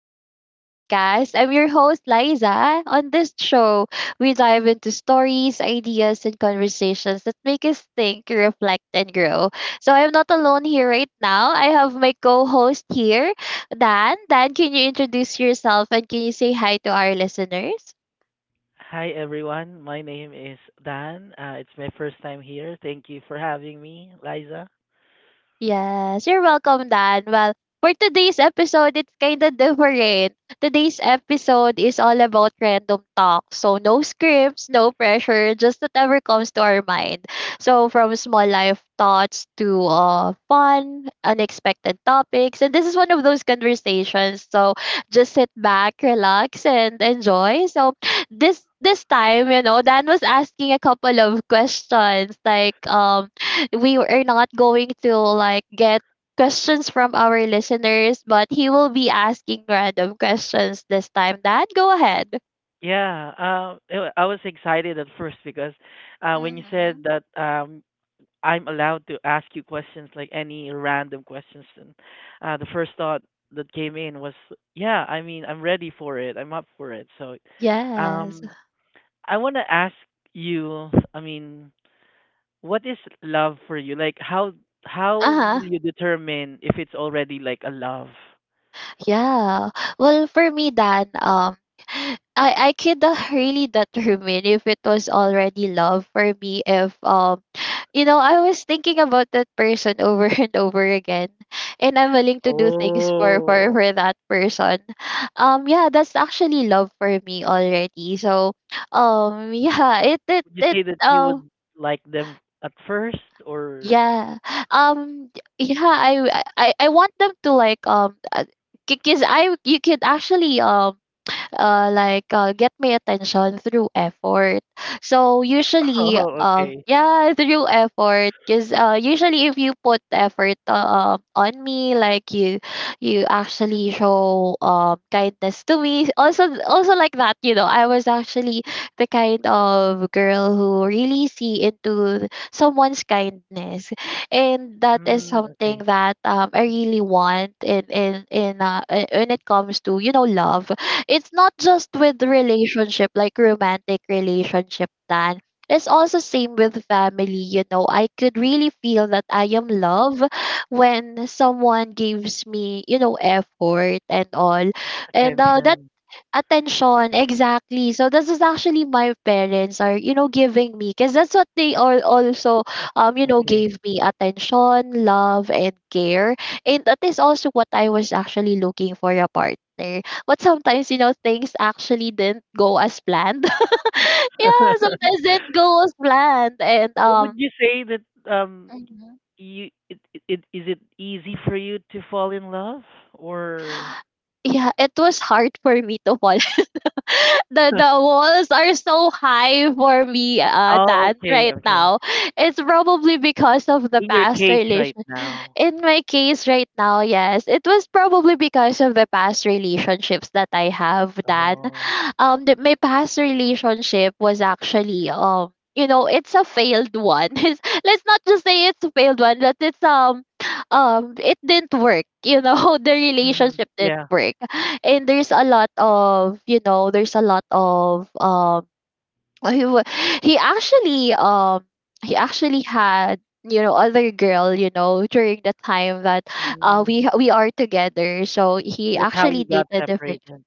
Welcome to the podcast. I'm your host, Liza. On this show, we dive into stories, ideas, and conversations that make us think, reflect, and grow. So I'm not alone here right now. I have my co host here, Dan. Dan, can you introduce yourself and can you say hi to our listeners? Hi everyone, my name is Dan. It's my first time here. Thank you for having me, Liza. Yes, you're welcome, Dan. Well, for today's episode, it's kind of different. Today's episode is all about random talk. So no scripts, no pressure, just whatever comes to our mind. So from small life thoughts to fun, unexpected topics. And this is one of those conversations. So just sit back, relax, and enjoy. So this time, Dan was asking a couple of questions like, we are not going to like get questions from our listeners, but he will be asking random questions this time. Dad, go ahead. Yeah, I was excited at first because when you said Mm-hmm. that I'm allowed to ask you questions like any random questions, and the first thought that came in was, yeah, I mean, I'm ready for it. I'm up for it. So, Yes. um, I want to ask you. I mean, what is love for you? Like how will Uh. you determine if it's already like a love? Yeah. Well, for me, Dan, I could really determine if it was already love for me. If you know, I was thinking about that person over and over again, and I'm willing to do things for Oh, that person. Yeah, that's actually love for me already. So yeah, it it would you it say that you um. would like them at first or Yeah. Um yeah, I I want them to like because I you could actually like get my attention through effort. So usually, oh, okay. yeah, through effort, because usually if you put effort, on me, like you actually show kindness to me. Also, like that, you know, I was actually the kind of girl who really see into someone's kindness, and that is Mm, okay. something that, I really want in when it comes to, you know, love. It's not just with relationship like romantic relationship, Dan. It's also same with family, you know. I could really feel that I am love when someone gives me, you know, effort and all. And that Attention. attention exactly. So this is actually my parents are, you know, giving me because that's what they all also, Uh, you know, okay. gave me attention, love and care, and that is also what I was actually looking for a partner. But sometimes, you know, things actually didn't go as planned. Yeah, sometimes didn't go as planned. And What would you say that um Mhm. you it, it, it is it easy for you to fall in love or Yeah, it was hard for me to fall. The walls are so high for me, oh, Dan, okay, right okay. now. It's probably because of the In your past case right relation. now? In my case right now, yes, it was probably because of the past relationships that I have, Dan. Oh. My past relationship was actually, you know, it's a failed one. Let's not just say it's a failed one, but it didn't work. You know, the Mhm. relationship didn't work, and there's a lot of, you know, there's a lot of he wa- he actually um he actually had, you know, other girl, you know, during the time that Mm. we are together. So he So that's how you actually got dated different. separated.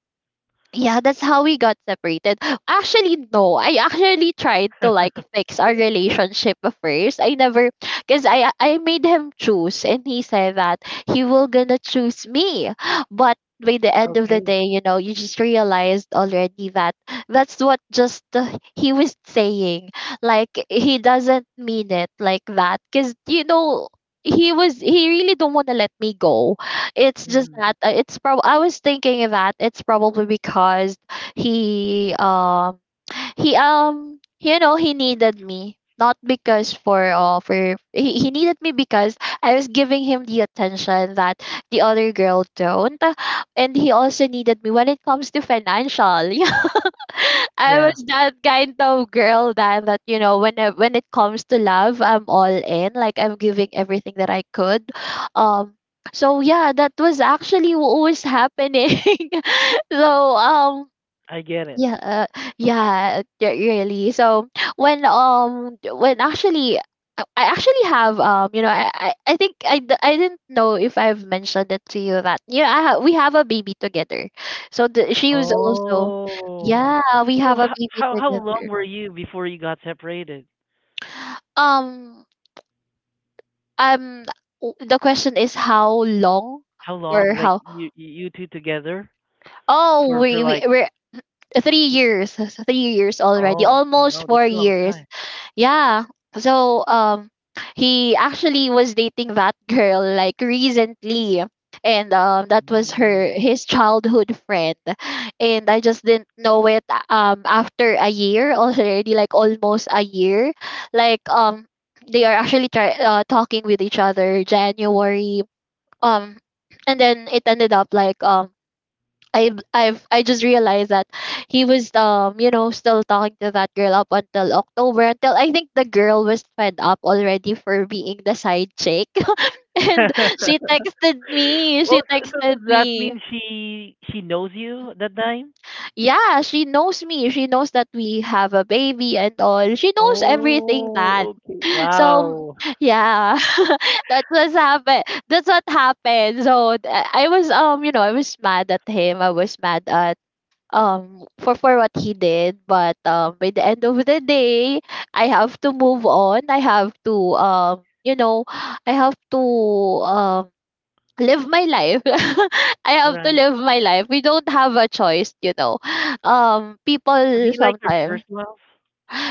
Yeah, that's how we got separated. Actually, no. I actually tried to like fix our relationship first. I never, because I made him choose, and he said that he will gonna choose me. But by the end of the Okay. day, you know, you just realized already that that's what just, he was saying. Like he doesn't mean it like that. Cause you know, he really don't wanna let me go. It's just Mhm. that, it's prob I was thinking that it's probably because he um he, you know, he needed me, not because for, he needed me because I was giving him the attention that the other girl don't, and he also needed me when it comes to financial. I Yeah, was that kind of girl then, that you know, when it comes to love, I'm all in. Like I'm giving everything that I could. um so yeah, that was actually what was happening. So um I get it. yeah, yeah, yeah, really. So when actually I actually have, you know, I think I didn't know if I've mentioned it to you that yeah we have a baby together. So she was also Oh. yeah, we So have a how baby how how long together. were you before you got separated? Um um the question is how long, How long? or Like how. you two together Oh, for we we like, we 3 years. 3 years oh, already, okay, almost wow, that's four a long years time. Yeah, so he actually was dating that girl like recently, and that was Mm. her his childhood friend, and I just didn't know it. After a year already, like almost a year, like um they are actually talking with each other January, um and then it ended up like, I just realized that he was, you know, still talking to that girl up until October, until I think the girl was fed up already for being the side chick. And Well, she so, texted does that me. mean she knows you that time? Yeah, she knows me. She knows that we have a baby and all. She knows everything then. Oh, okay. So Wow. yeah, that was happen that's what happened. So I was, you know, I was mad at him. I was mad at for what he did. But by the end of the day, I have to move on. I have to, you know, I have to, um live my life. I have to Right. live my life. We don't have a choice, you know. Was People he like your sometimes. first love?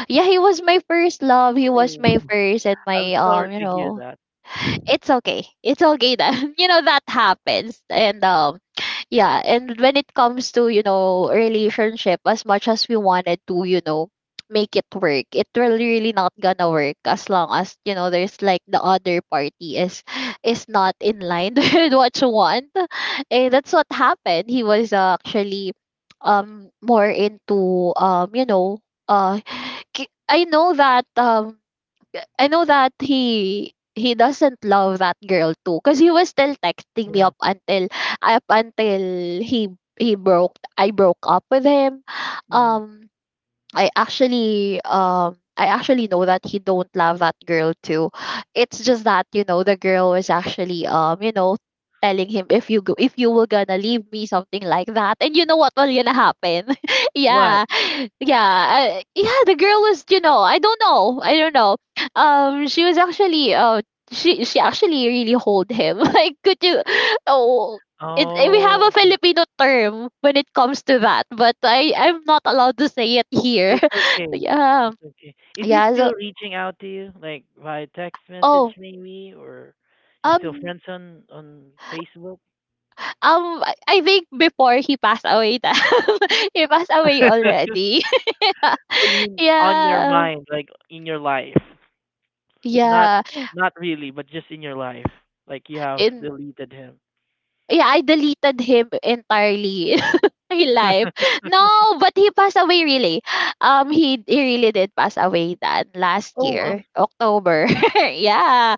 Yeah, he was my first love. He was Oh. my first and I'm my, sorry you to hear know. that. It's okay. It's okay that, you know, that happens. And yeah, and when it comes to, you know, relationship, as much as we wanted to, you know, make it work, it really really not gonna work as long as, you know, there's like the other party is not in line with what you want. And that's what happened. He was, actually, more into, you know, uh I know that, I know that he doesn't love that girl too, because he was still texting me Yeah. up until up until he broke. I broke up with him. Mhm. Um I actually know that he don't love that girl too. It's just that, you know, the girl was actually, you know, telling him if you go, if you were gonna leave me, something like that. And you know what was gonna happen? What? Yeah. Yeah. Yeah, the girl was, you know, I don't know. I don't know. She was actually she actually really hold him. Like could you, oh, we have a Oh, okay. Filipino term when it comes to that, but I'm not allowed to say it here. It's okay. Yeah, It's okay. Is he yeah. So still reaching out to you, like via text message oh, maybe, or you're still um friends on Facebook? I think before he passed away, that he passed away already. Oh, you mean on your Yeah, mind, like in your life? Not yeah. not really, but just in your life. Like you have In, deleted him. yeah, I deleted him entirely. Real life. No, but he passed away really. He really did pass away that last Oh, year, I'm. October. Yeah.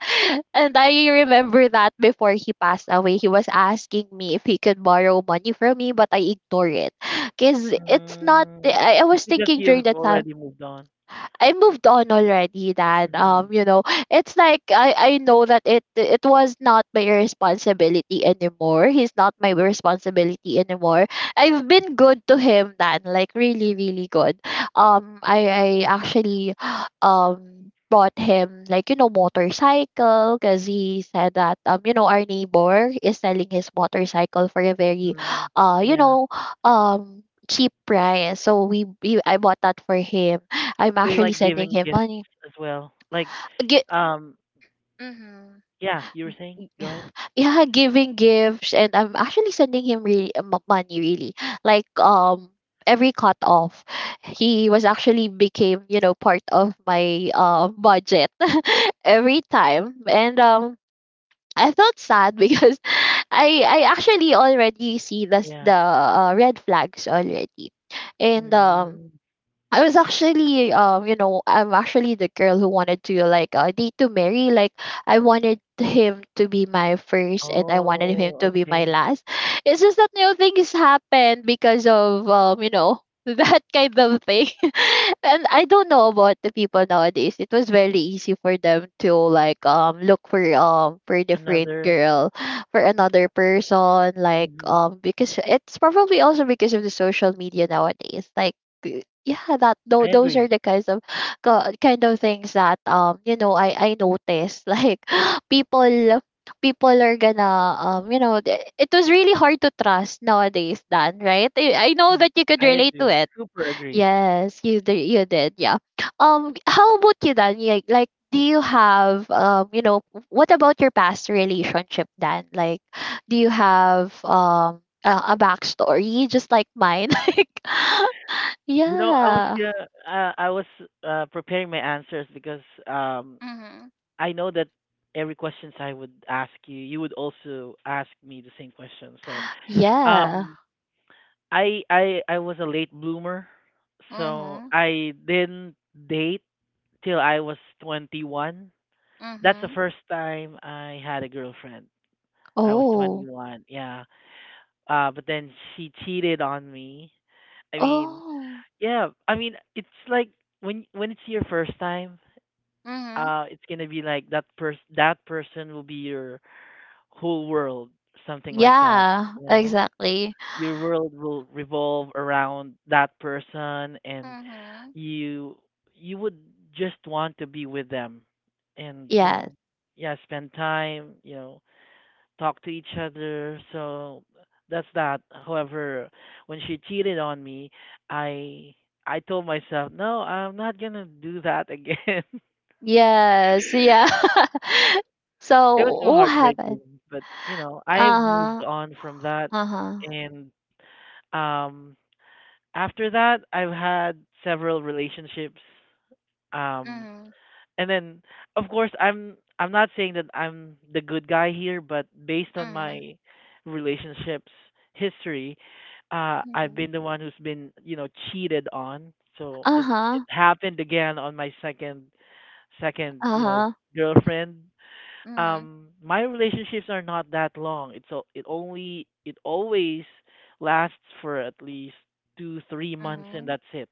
And I remember that before he passed away, he was asking me if he could borrow money from me, but I ignored it. Cause it's not, Um, I it's was because thinking during you've that time already moved on. I moved on already, Dad. Hmm. You know, it's like I know that it was not my responsibility anymore. He's not my responsibility anymore. I've been good to him, Dad. Like really, really good. I actually bought him like, you know, motorcycle, because he said that, you know, our neighbor is selling his motorcycle for a very, Mm, you yeah. know, um cheap price. So we I bought that for him. I'm We actually like sending giving him gifts money. as well. Like, Gi- um, mhm. yeah, you were saying? Go ahead. Yeah, giving gifts, and I'm actually sending him really money. Really, like um every cut off, he was actually became, you know, part of my budget, every time. And I felt sad because I actually already see the Yeah. Red flags already. And Mm. I was actually, you know, I'm actually the girl who wanted to like, date to marry. Like I wanted him to be my first, and I wanted him Oh, to be my okay. last. It's just that, you know, things happened because of, you know, that kind of thing. And I don't know about the people nowadays. It was very easy for them to like look for a different Another. girl, for another person, like Hmm. Because it's probably also because of the social media nowadays, like yeah I those are agree. the kinds of kind of things that I noticed like people are gonna it was really hard to trust nowadays, Dan, right? I know Mhm. that you could I relate to agree. it. Super agree. Yes, you did, you did, yeah. How about you, Dan? Like do you have what about your past relationship, Dan? Like, do you have a backstory just like mine? Like, You know, yeah. I was preparing my answers because um, Mhm. I know that every questions I would ask you, you would also ask me the same question. So, Yeah. um, I was a late bloomer, so Mhm. I didn't date till I was 21. That's the Mhm. first time I had a girlfriend. I was Oh. 21, yeah. But then she cheated on me. I mean, Oh. yeah, I mean, it's like when it's your first time, Mhm. It's gonna be like that person will be your whole world, something like that, Yeah, you know? exactly. Your world will revolve around that person, and Mhm. you you would just want to be with them, and Yes. Yeah, spend time, talk to each other. So that's that. However, when she cheated on me, i I told myself, no, I'm not going to do that again. It Yes. Yeah. So was so what heartbreaking, happened? but I've moved Uh-huh. on from that. Uh-huh. And um after that I've had several relationships. Um Mhm. and then, of course, I'm not saying that I'm the good guy here, but based on Mhm. my relationships history, I've Mhm. been the one who's been, cheated on. So it Uh-huh. happened again on my second, Uh-huh. girlfriend. Mhm. My relationships are not that long. It's o- it only It always lasts for at least two, 3 months, and Mhm. that's it.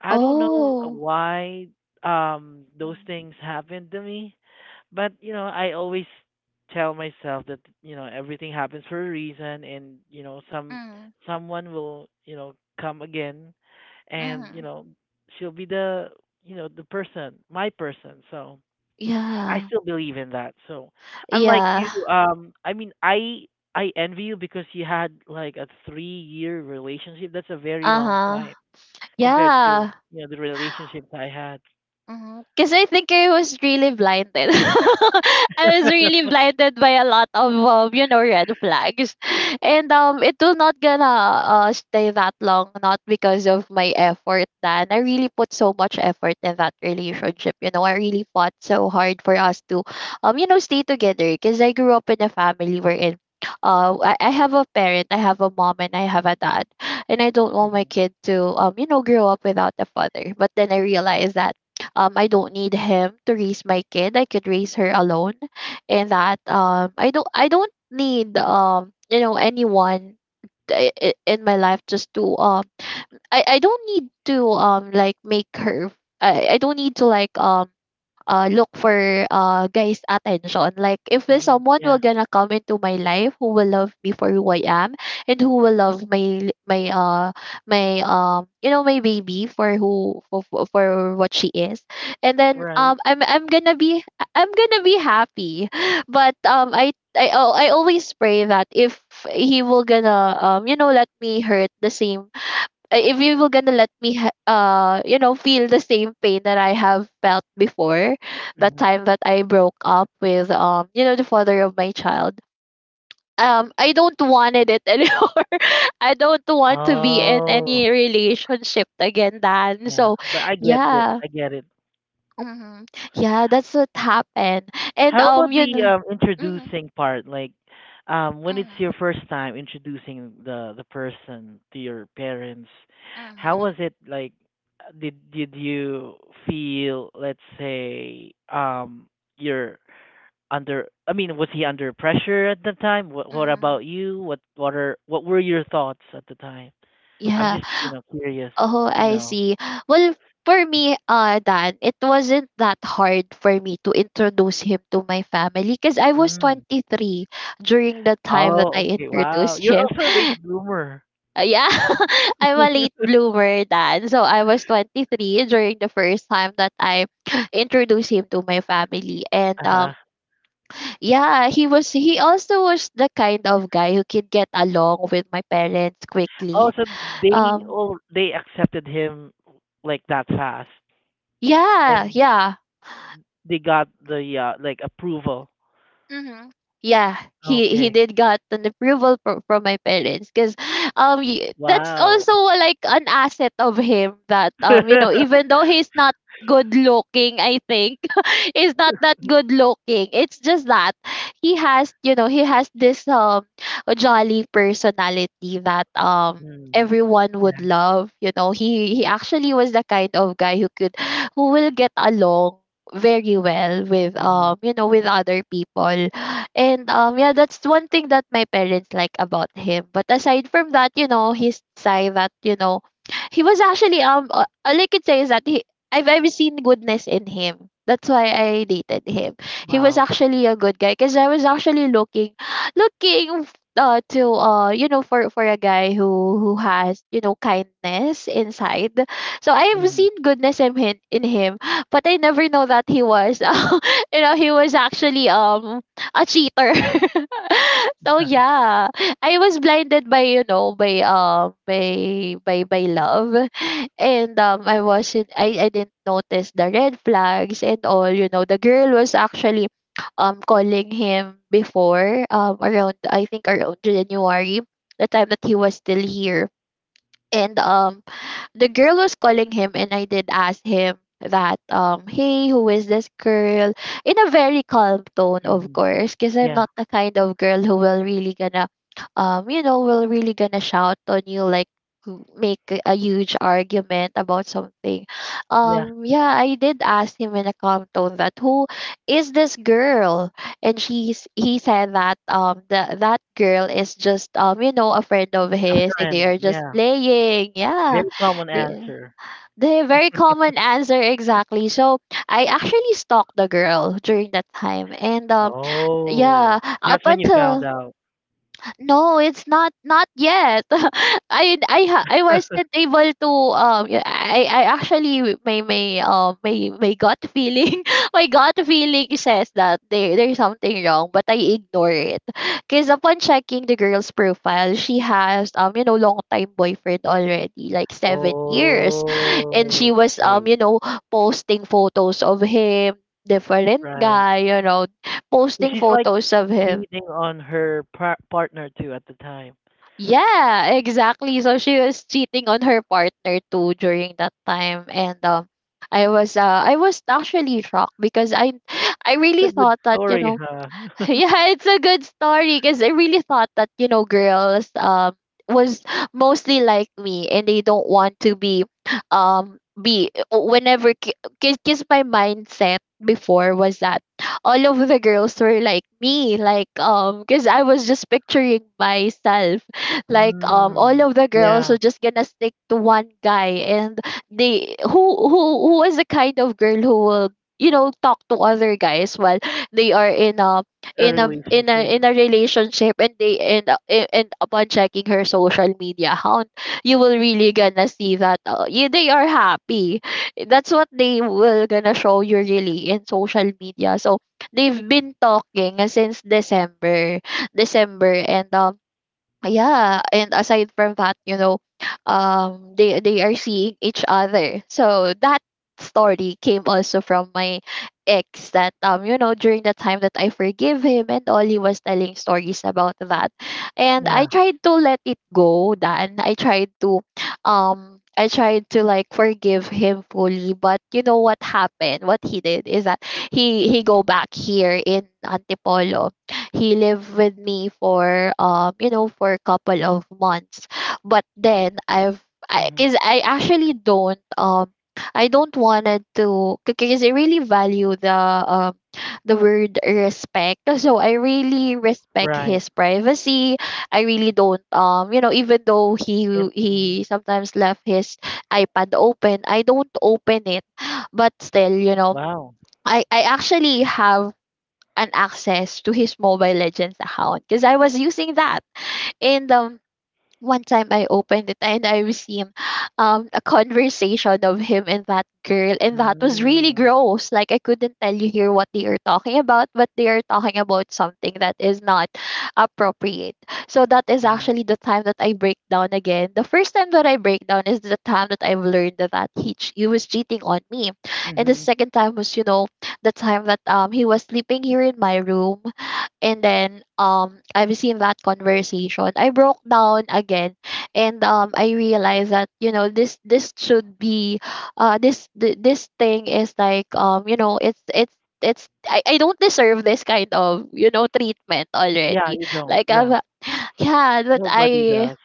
I don't know Oh. why those Mhm. things happened to me, but I always tell myself that everything happens for a reason, and some Mhm. someone will come again, and Mhm. She'll be the you know the person, my person. So I Yeah. still believe in that. So unlike you, Yeah. I mean, I envy you because you had like a 3-year relationship. That's a very long Uh-huh. time compared to Yeah. The relationships I had. Because I think I was really blinded. I was really blinded by a lot of red flags, and it will not gonna stay that long. Not because of my effort, Dan. I really put so much effort in that relationship. You know, I really fought so hard for us to, stay together. Because I grew up in a family wherein, I have a parent, I have a mom, and I have a dad, and I don't want my Hmm. kid to, grow up without a father. But then I realized that I don't need him to raise my kid. I could raise her alone. And that I don't need anyone in my life just to um, I don't need to like make her, I don't need to like look for guys' attention. Like, if there's Hmm. someone who Yeah, gonna come into my life who will love me for who I am and who will love my my my you know my baby for who for what she is, and then right. um, I'm gonna be, I'm gonna be happy. But um, I. I always pray that if he will gonna let me hurt the same if you were gonna let me feel the same pain that I have felt before, that Hmm. time that I broke up with the father of my child, um, I don't wanted it anymore. I don't want to be in any Oh, relationship again, Dan, yeah. so But I get it. yeah. I get it. Hmm. Yeah, that's what happened. And How um, about you the know. Hmm. introducing part? Like, when Mm-hmm. it's your Mm-hmm. first time introducing the person to your parents, how Mm-hmm. was it? Like, did you feel, let's say, your under I mean, was he under pressure at the time? What Mm-hmm. about you? What were your thoughts at the time? I'm Yeah. just, curious Oh, to I know. see. Well, for me, Dan, it wasn't that hard for me to introduce him to my family because I was Mm. 23 during the time that I Oh, okay. Wow. introduced You're him. also a late bloomer. Yeah, I'm a late bloomer, Dan. So I was 23 during the first time that I introduced him to my family. And Uh-huh. Yeah, he was, he also was the kind of guy who could get along with my parents Oh, quickly. so they Um, all they accepted him like that fast. yeah, And yeah. they got the like approval. Mm-hmm. Yeah, he he Okay. did got an approval from my parents because um, that's Wow. also like an asset of him that even though he's not good looking, I think he's not that good looking. It's just that he has, you know, he has this um, a jolly personality that um, Mm. everyone would Yeah. love. You know, he actually was the kind of guy who could, who will get along very well with Hmm. With other people. And um, yeah, that's one thing that my parents like about him. But aside from that, you know, his side that you know, he was actually all I could say is that he I've ever seen goodness in him. That's why I dated him. He was Wow. actually a good guy because I was actually looking, looking uh, to for a guy who has, you know, kindness inside. So I've seen Hmm. goodness in him, but I never know that he was, you know, he was actually um, a cheater. So yeah, I was blinded by, you know, by love, and um, I wasn't I didn't notice the red flags and all. You know, the girl was actually um, calling him before um, around I think around January, the time that he was still here. And um, the girl was calling him, and I did ask him that um, hey, who is this girl? In a very calm tone, of Hmm. course, because I'm Yeah. not the kind of girl who will really gonna will really gonna shout on you, like make a huge argument about something. Yeah. Um, yeah, I did ask him in a calm tone that who is this girl, and she's he said that um, that girl is just a friend of A his, and they friend, are just yeah. playing. Yeah, Very common the, answer. the very common answer, exactly. So I actually stalked the girl during that time, and Oh, yeah, up that's when you found until, out. no, it's not not yet. I wasn't able to um, yeah, I actually my gut feeling, my gut feeling says that there's something wrong, but I ignore it. Cause upon checking the girl's profile, she has um, you know, long time boyfriend already, like 7 years, and she was um, Okay, you know, posting photos of him, different right. guy, you know, So posting she's like photos of him. cheating on her partner too at the time. Yeah, exactly. So she was cheating on her partner too during that time, and I was actually shocked because I really It's a good thought that you story, know. huh? Yeah, it's a good story because I really thought that, you know, girls um, was mostly like me, and they don't want to be um, be whenever, because my mindset before was that all of the girls were like me, like um, because I was just picturing myself like um, all Mm, of the girls yeah, were just gonna stick to one guy. And they who is the kind of girl who will, you know, talk to other guys while they are in a a in a in a relationship. in a relationship. And they end up, end upon checking her social media account, you will really gonna see that yeah, they are happy. That's what they will gonna show you really in social media. So they've been talking since December, and um, ah, yeah, and aside from that, you know, um, they are seeing each other. So that story came also from my ex that um, you know, during the time that I forgive him and all, he was telling stories about that. And I Yeah. tried to let it go, then I tried to um, I tried to like forgive him fully. But you know what happened, what he did is that he go back here in Antipolo. He lived with me for for a couple of months, but then I've I Hmm. because I actually don't um, I don't wanted to, because I really value the um, the word respect, so I really respect Right. his privacy. I really don't um, you know, even though he And mhm. he sometimes left his iPad open, I don't open it. But still, you know, Wow. I actually have an access to his Mobile Legends account because I was using that. And one time I opened it and I was seeing um, a conversation of him and that girl, and that was really Mm. gross. Like, I couldn't tell you here what they are talking about, but they are talking about something that is not appropriate. So that is Hmm. actually the time that I break down again. The first time that I break down is the time that I've learned that he, he was cheating on me. And the Hmm. second time was, you know, the time that um, he was sleeping here in my room, and then um, I was in that conversation. I broke down again, and um, I realized that, you know, this should be uh, this thing is like um, you know, it's, I don't deserve this kind of, you know, treatment Yeah, already, you don't. like Yeah, I, yeah, but nobody I, does.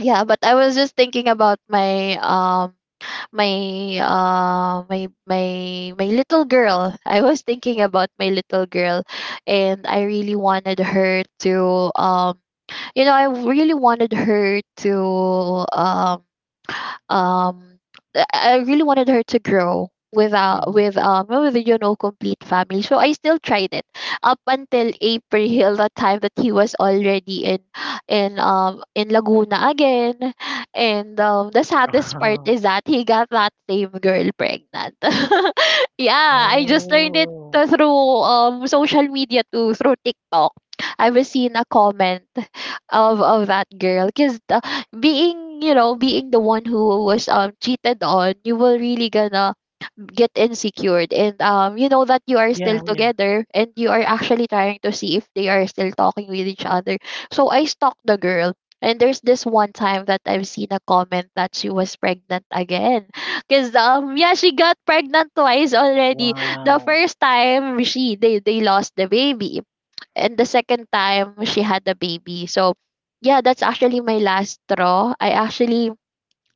yeah, but I was just thinking about my um, my uh my my my little girl. I was thinking about my little girl, and I really wanted her to um, you know, I really wanted her to um, um, I really wanted her to grow without Hmm. with um, with, you know, complete family. So I still tried it up until April, the time that he was already in um, in Laguna again. And um, the saddest part is that he got that same girl pregnant. Yeah, I just learned it Oh, through um, social media too, through TikTok. I was seeing a comment of that girl because being being the one who was cheated on, you will really gonna get insecure, and you know that you are still yeah, yeah. together and you are actually trying to see if they are still talking with each other. So I stalked the girl, and there's this one time that I've seen a comment that she was pregnant again because yeah, she got pregnant twice already. The Wow. first time she they lost the baby, and the second time she had a baby. So yeah, that's actually my last straw. I actually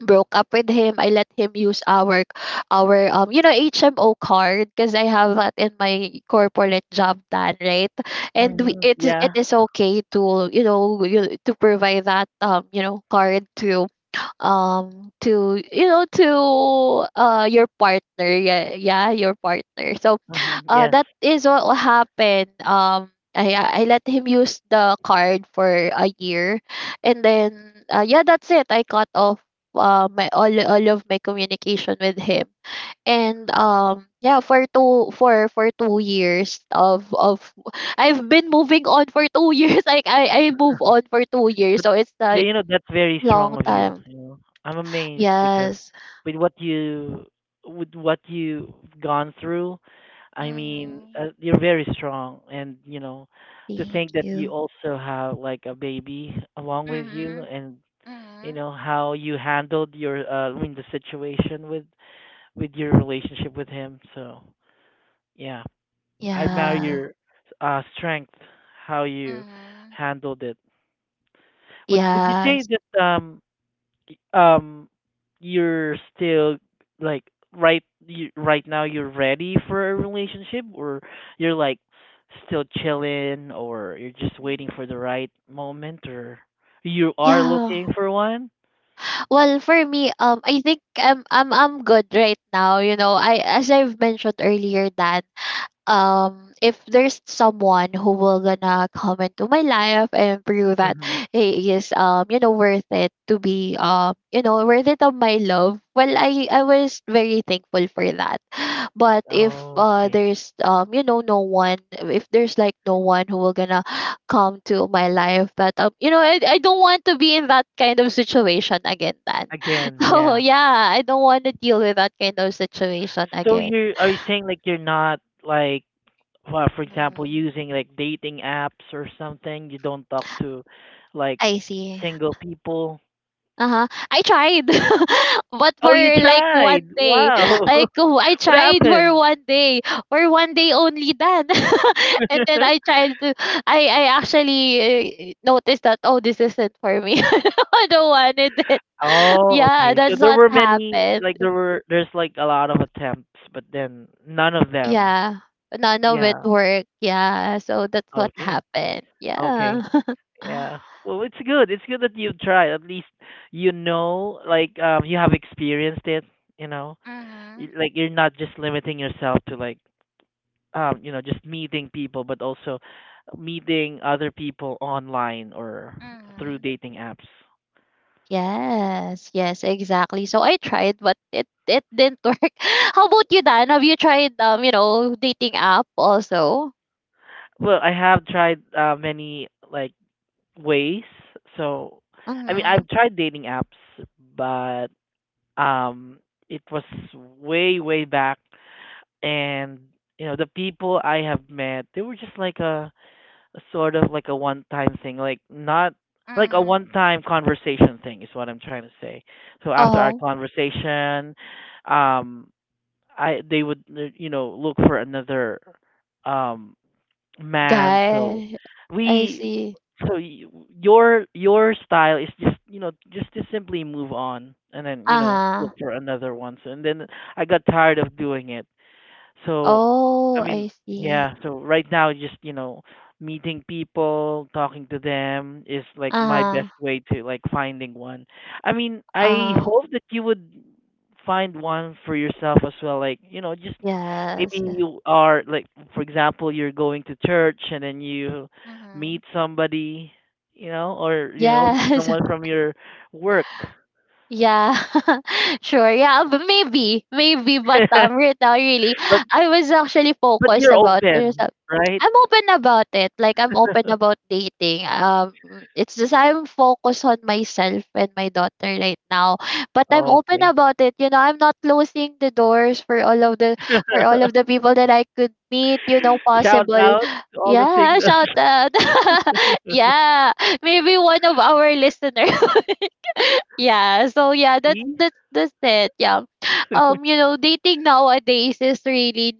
broke up with him. I let him use our you know, HMO card, because I have that in my corporate job done, right? And we, Mm-hmm. it is it Yeah. is okay to you know, you, to provide that you know card to to your partner, yeah, yeah, your partner. So Mm-hmm. Yes. that is what will happen. I let him use the card for a year, and then yeah, that's it, I cut off my all of my communication with him. And yeah, for two for 2 years of I've been moving on for 2 years like I move on for 2 years, But, so it's but like you know that's very strong long of you. time. You know, I'm amazed because Yes. with what you with what you've gone through, I mean, Mhm. You're very strong, and to Thank think that you you. also have like a baby along with you, Mhm. and you Mhm. know how you handled your I mean the situation with your relationship with him. So yeah, I admire Yeah. your strength, how you Mhm. handled it. Would you say Yes. that y- um you're still like, right now you're ready for a relationship, or you're like still chilling, or you're just waiting Mhm. for the right moment, or you are Yeah. looking for one? Well, for me, I think I'm good right now. You know, I as I've mentioned earlier that if there's someone who will gonna come into my life and prove that Mhm. he is you know, worth it to be you know, worth it of my love, well, I was very thankful for that. But if Okay. there's you know, no one, if there's like no one who will gonna come to my life, that you know, I don't want to be in that kind of situation again, then Again, so yeah. yeah, I don't want to deal with that kind of situation So again. you're are you saying like you're not like, well, for example, Mm-hmm. using like dating apps or something, you don't talk to like I see. single people? Uh-huh. I tried. But for Oh, you like one tried. day. Wow. Like What oh, I tried for happened? one day. For one day only then. And then I tried to, I actually noticed that oh, this isn't for me. I don't wanted it. Oh, Yeah, okay. So that's there what were many, happened. like, there's like a lot of attempts, but then none of them. Yeah. None of it Yeah. worked. Yeah. So that's what Okay. happened. Yeah. Okay. Yeah. Well, it's good. It's good that you tried. At least like you have experienced it, you know. Mm-hmm. Like you're not just limiting yourself to like, just meeting people, but also meeting other people online or through Mm-hmm. dating apps. Yes, yes, exactly. So I tried, but it didn't work. How about you, Dan? Have you tried you know, dating app also? Well, I have tried many like ways. So, I mean, Mm-hmm. I've tried dating apps, but um, it was way way back, and the people I have met, they were just like sort of like a one time thing, like not like a Mm-hmm. one time conversation thing is what I'm trying to say. So after our Oh, conversation, um I they would look for another um man. Guy. I we see. so your style is just to simply move on, and then look Uh-huh. for another one. So, and then I got tired of doing it. So, I Oh, mean, I see. yeah, so right now just, meeting people, talking to them is like my best Uh-huh. way to like finding one. I mean, I Uh, hope that you would find one for yourself as well. Like, just maybe yes. you are like, for example, you're going to church and then you Mm-hmm. meet somebody, or Yes. someone from your work. Yeah, sure. Yeah, but maybe, maybe. But right now, really, But I was actually but focused you're about there's open, a- right? I'm open about it. Like I'm open about dating. It's just I'm focused on myself and my daughter right now. But I'm open Okay. about it. You know, I'm not closing the doors for all of the, for all of the people that I could meet. You know, Shout possible. out to all the Yeah, singles. shout out. Yeah, maybe one of our listeners, yeah, so yeah, that's See? that's that's it, yeah. You know, dating nowadays is really,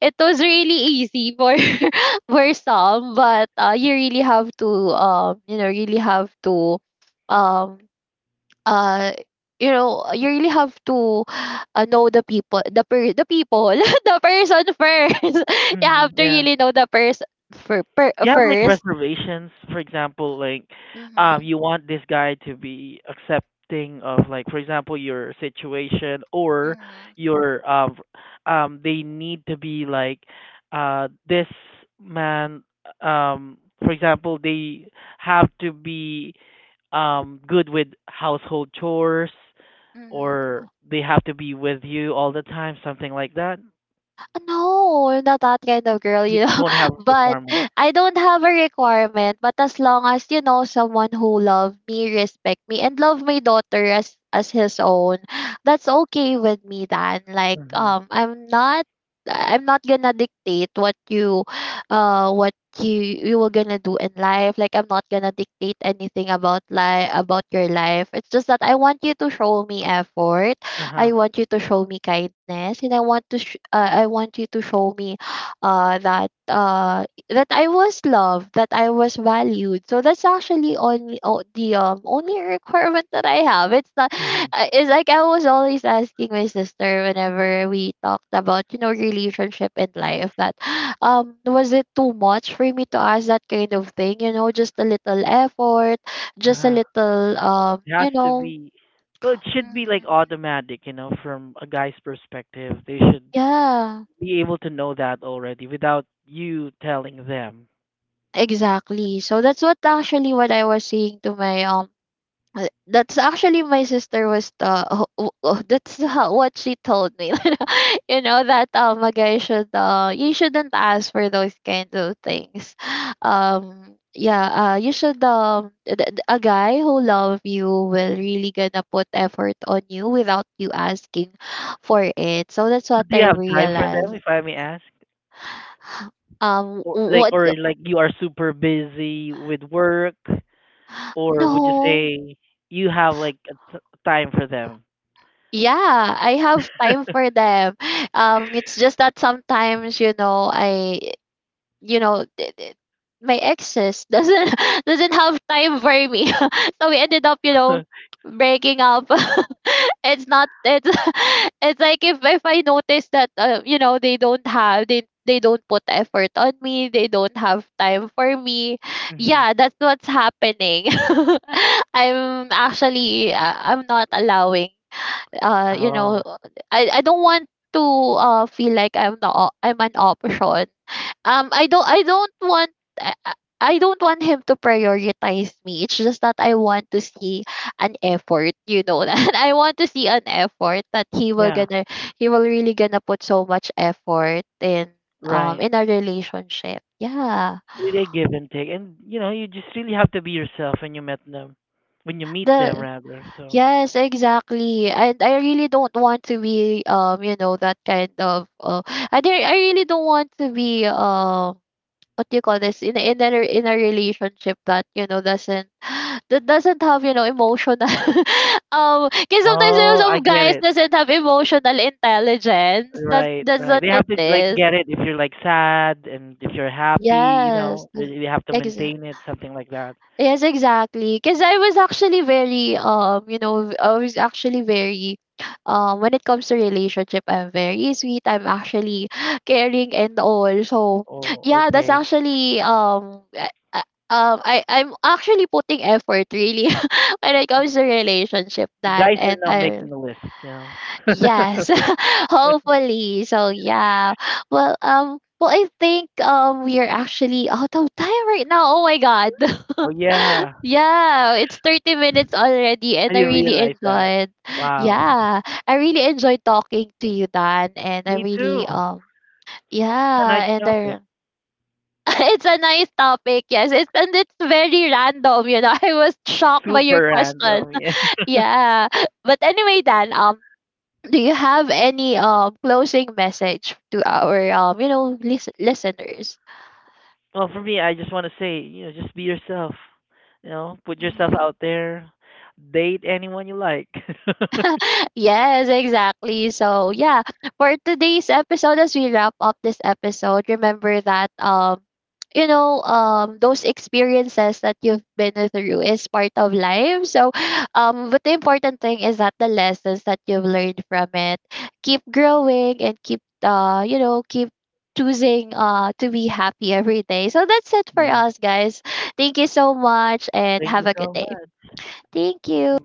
it was really easy for for some, but you really have to you know, really have to, um uh you know, you really have to know the people, the the people the person first. You have Hmm. to Yeah. really know the person You have like first. reservations, for example, like Mm-hmm. you want this guy to be accepting of, like, for example, your situation, or your they need to be like, this man, for example, they have to be good with household chores, Mm-hmm. or they have to be with you all the time, something like that. No, not that kind of girl, You you know. don't have a But requirement. I don't have a requirement. But as long as you know, someone who love me, respect me, and love my daughter as his own, that's okay with me. Then, like, Mhm. I'm not gonna dictate what you, what you were gonna do in life. Like, I'm not gonna dictate anything about life, about your life. It's just that I want you to show me effort. I Uh-huh. want you to show me kindness, and I want to I want you to show me that that I was loved, that I was valued. So that's actually only o- the only requirement that I have. It's not. Mhm. It's like I was always asking my sister whenever we talked about, you know, relationship and life, that was it too much for me to ask that kind of thing? You know, just a little effort, just a Uh-huh. little It has you to know. be. Well, it should be like Hmm, automatic, from a guy's perspective. They should yeah. be able to know that already without you telling them. Exactly. So that's what I was saying to my that's actually, my sister was the oh, oh, oh, that's how, what she told me. You know that a guy should you shouldn't ask for those kinds of things. Yeah, you should a guy who love you will really gonna put effort on you without you asking for it. So that's But what do you I have time for them, realized. if I may ask? Or like, What? or like you are super busy with work, or would you No. say you have like a time for them? Yeah, I have time for them. It's just that sometimes, you know, I, you know, my exes doesn't doesn't have time for me, so we ended up, you know, breaking up. it's not it's it's like, if I notice that you know, they don't have, they don't put effort on me, they don't have time for me. Hmm. Yeah, that's what's happening. I'm actually I'm not allowing you know, Oh, I don't want to feel like I'm an option. I don't, I don't want, I, I I don't want him to prioritize me. It's just that I want to see an effort, you know that. I want to see an effort that yeah, he will really gonna put so much effort right. in a relationship. Yeah. It's really a give and take, and you just really have to be yourself when you met them, when you meet them The rather. So, Yes, exactly. And I really don't want to be you know, that kind of I don't, I really don't want to be what do you call this, in a- in a in a relationship that, you know, doesn't that doesn't have, you know, emotional because sometimes, you know, oh, I some get guys it. doesn't have emotional intelligence. That's Right, that's right. what They have it to like is. get it if you're like sad and if you're happy. You Yes. know, they have to maintain it, something like that. Yes, exactly. Because I was actually very, you know, I was actually very, when it comes to relationship, I'm very sweet. I'm actually caring and all. So, Oh, yeah, that's okay. actually, I I'm actually putting effort really when it comes to relationship. So Then, guys are and now I making a list. You know. yes, hopefully. So yeah. Well, well, I think we are actually out of time right now. Oh my god. Oh, yeah, Yeah, it's 30 minutes already I and I didn't really realize that. enjoyed. Wow. Yeah, I really enjoyed talking to you, Dan, and I Me too. really It's a yeah, nice and topic. I it's a nice topic, yes. It's, and it's very random, you know. I was shocked by your Super question. random. Yeah. Yeah. But anyway, Dan, do you have any closing message to our you know, listeners? Well, for me, I just want to say, just be yourself. You know, put yourself out there. Date anyone you like. Yes, exactly. So yeah, for today's episode, as we wrap up this episode, remember that you know, those experiences that you've been through is part of life. So, but the important thing is that the lessons that you've learned from it, keep growing and keep you know, keep choosing to be happy every day. So that's it for Yeah. us, guys. Thank you so much and Thank you have a good so day. much. Thank you.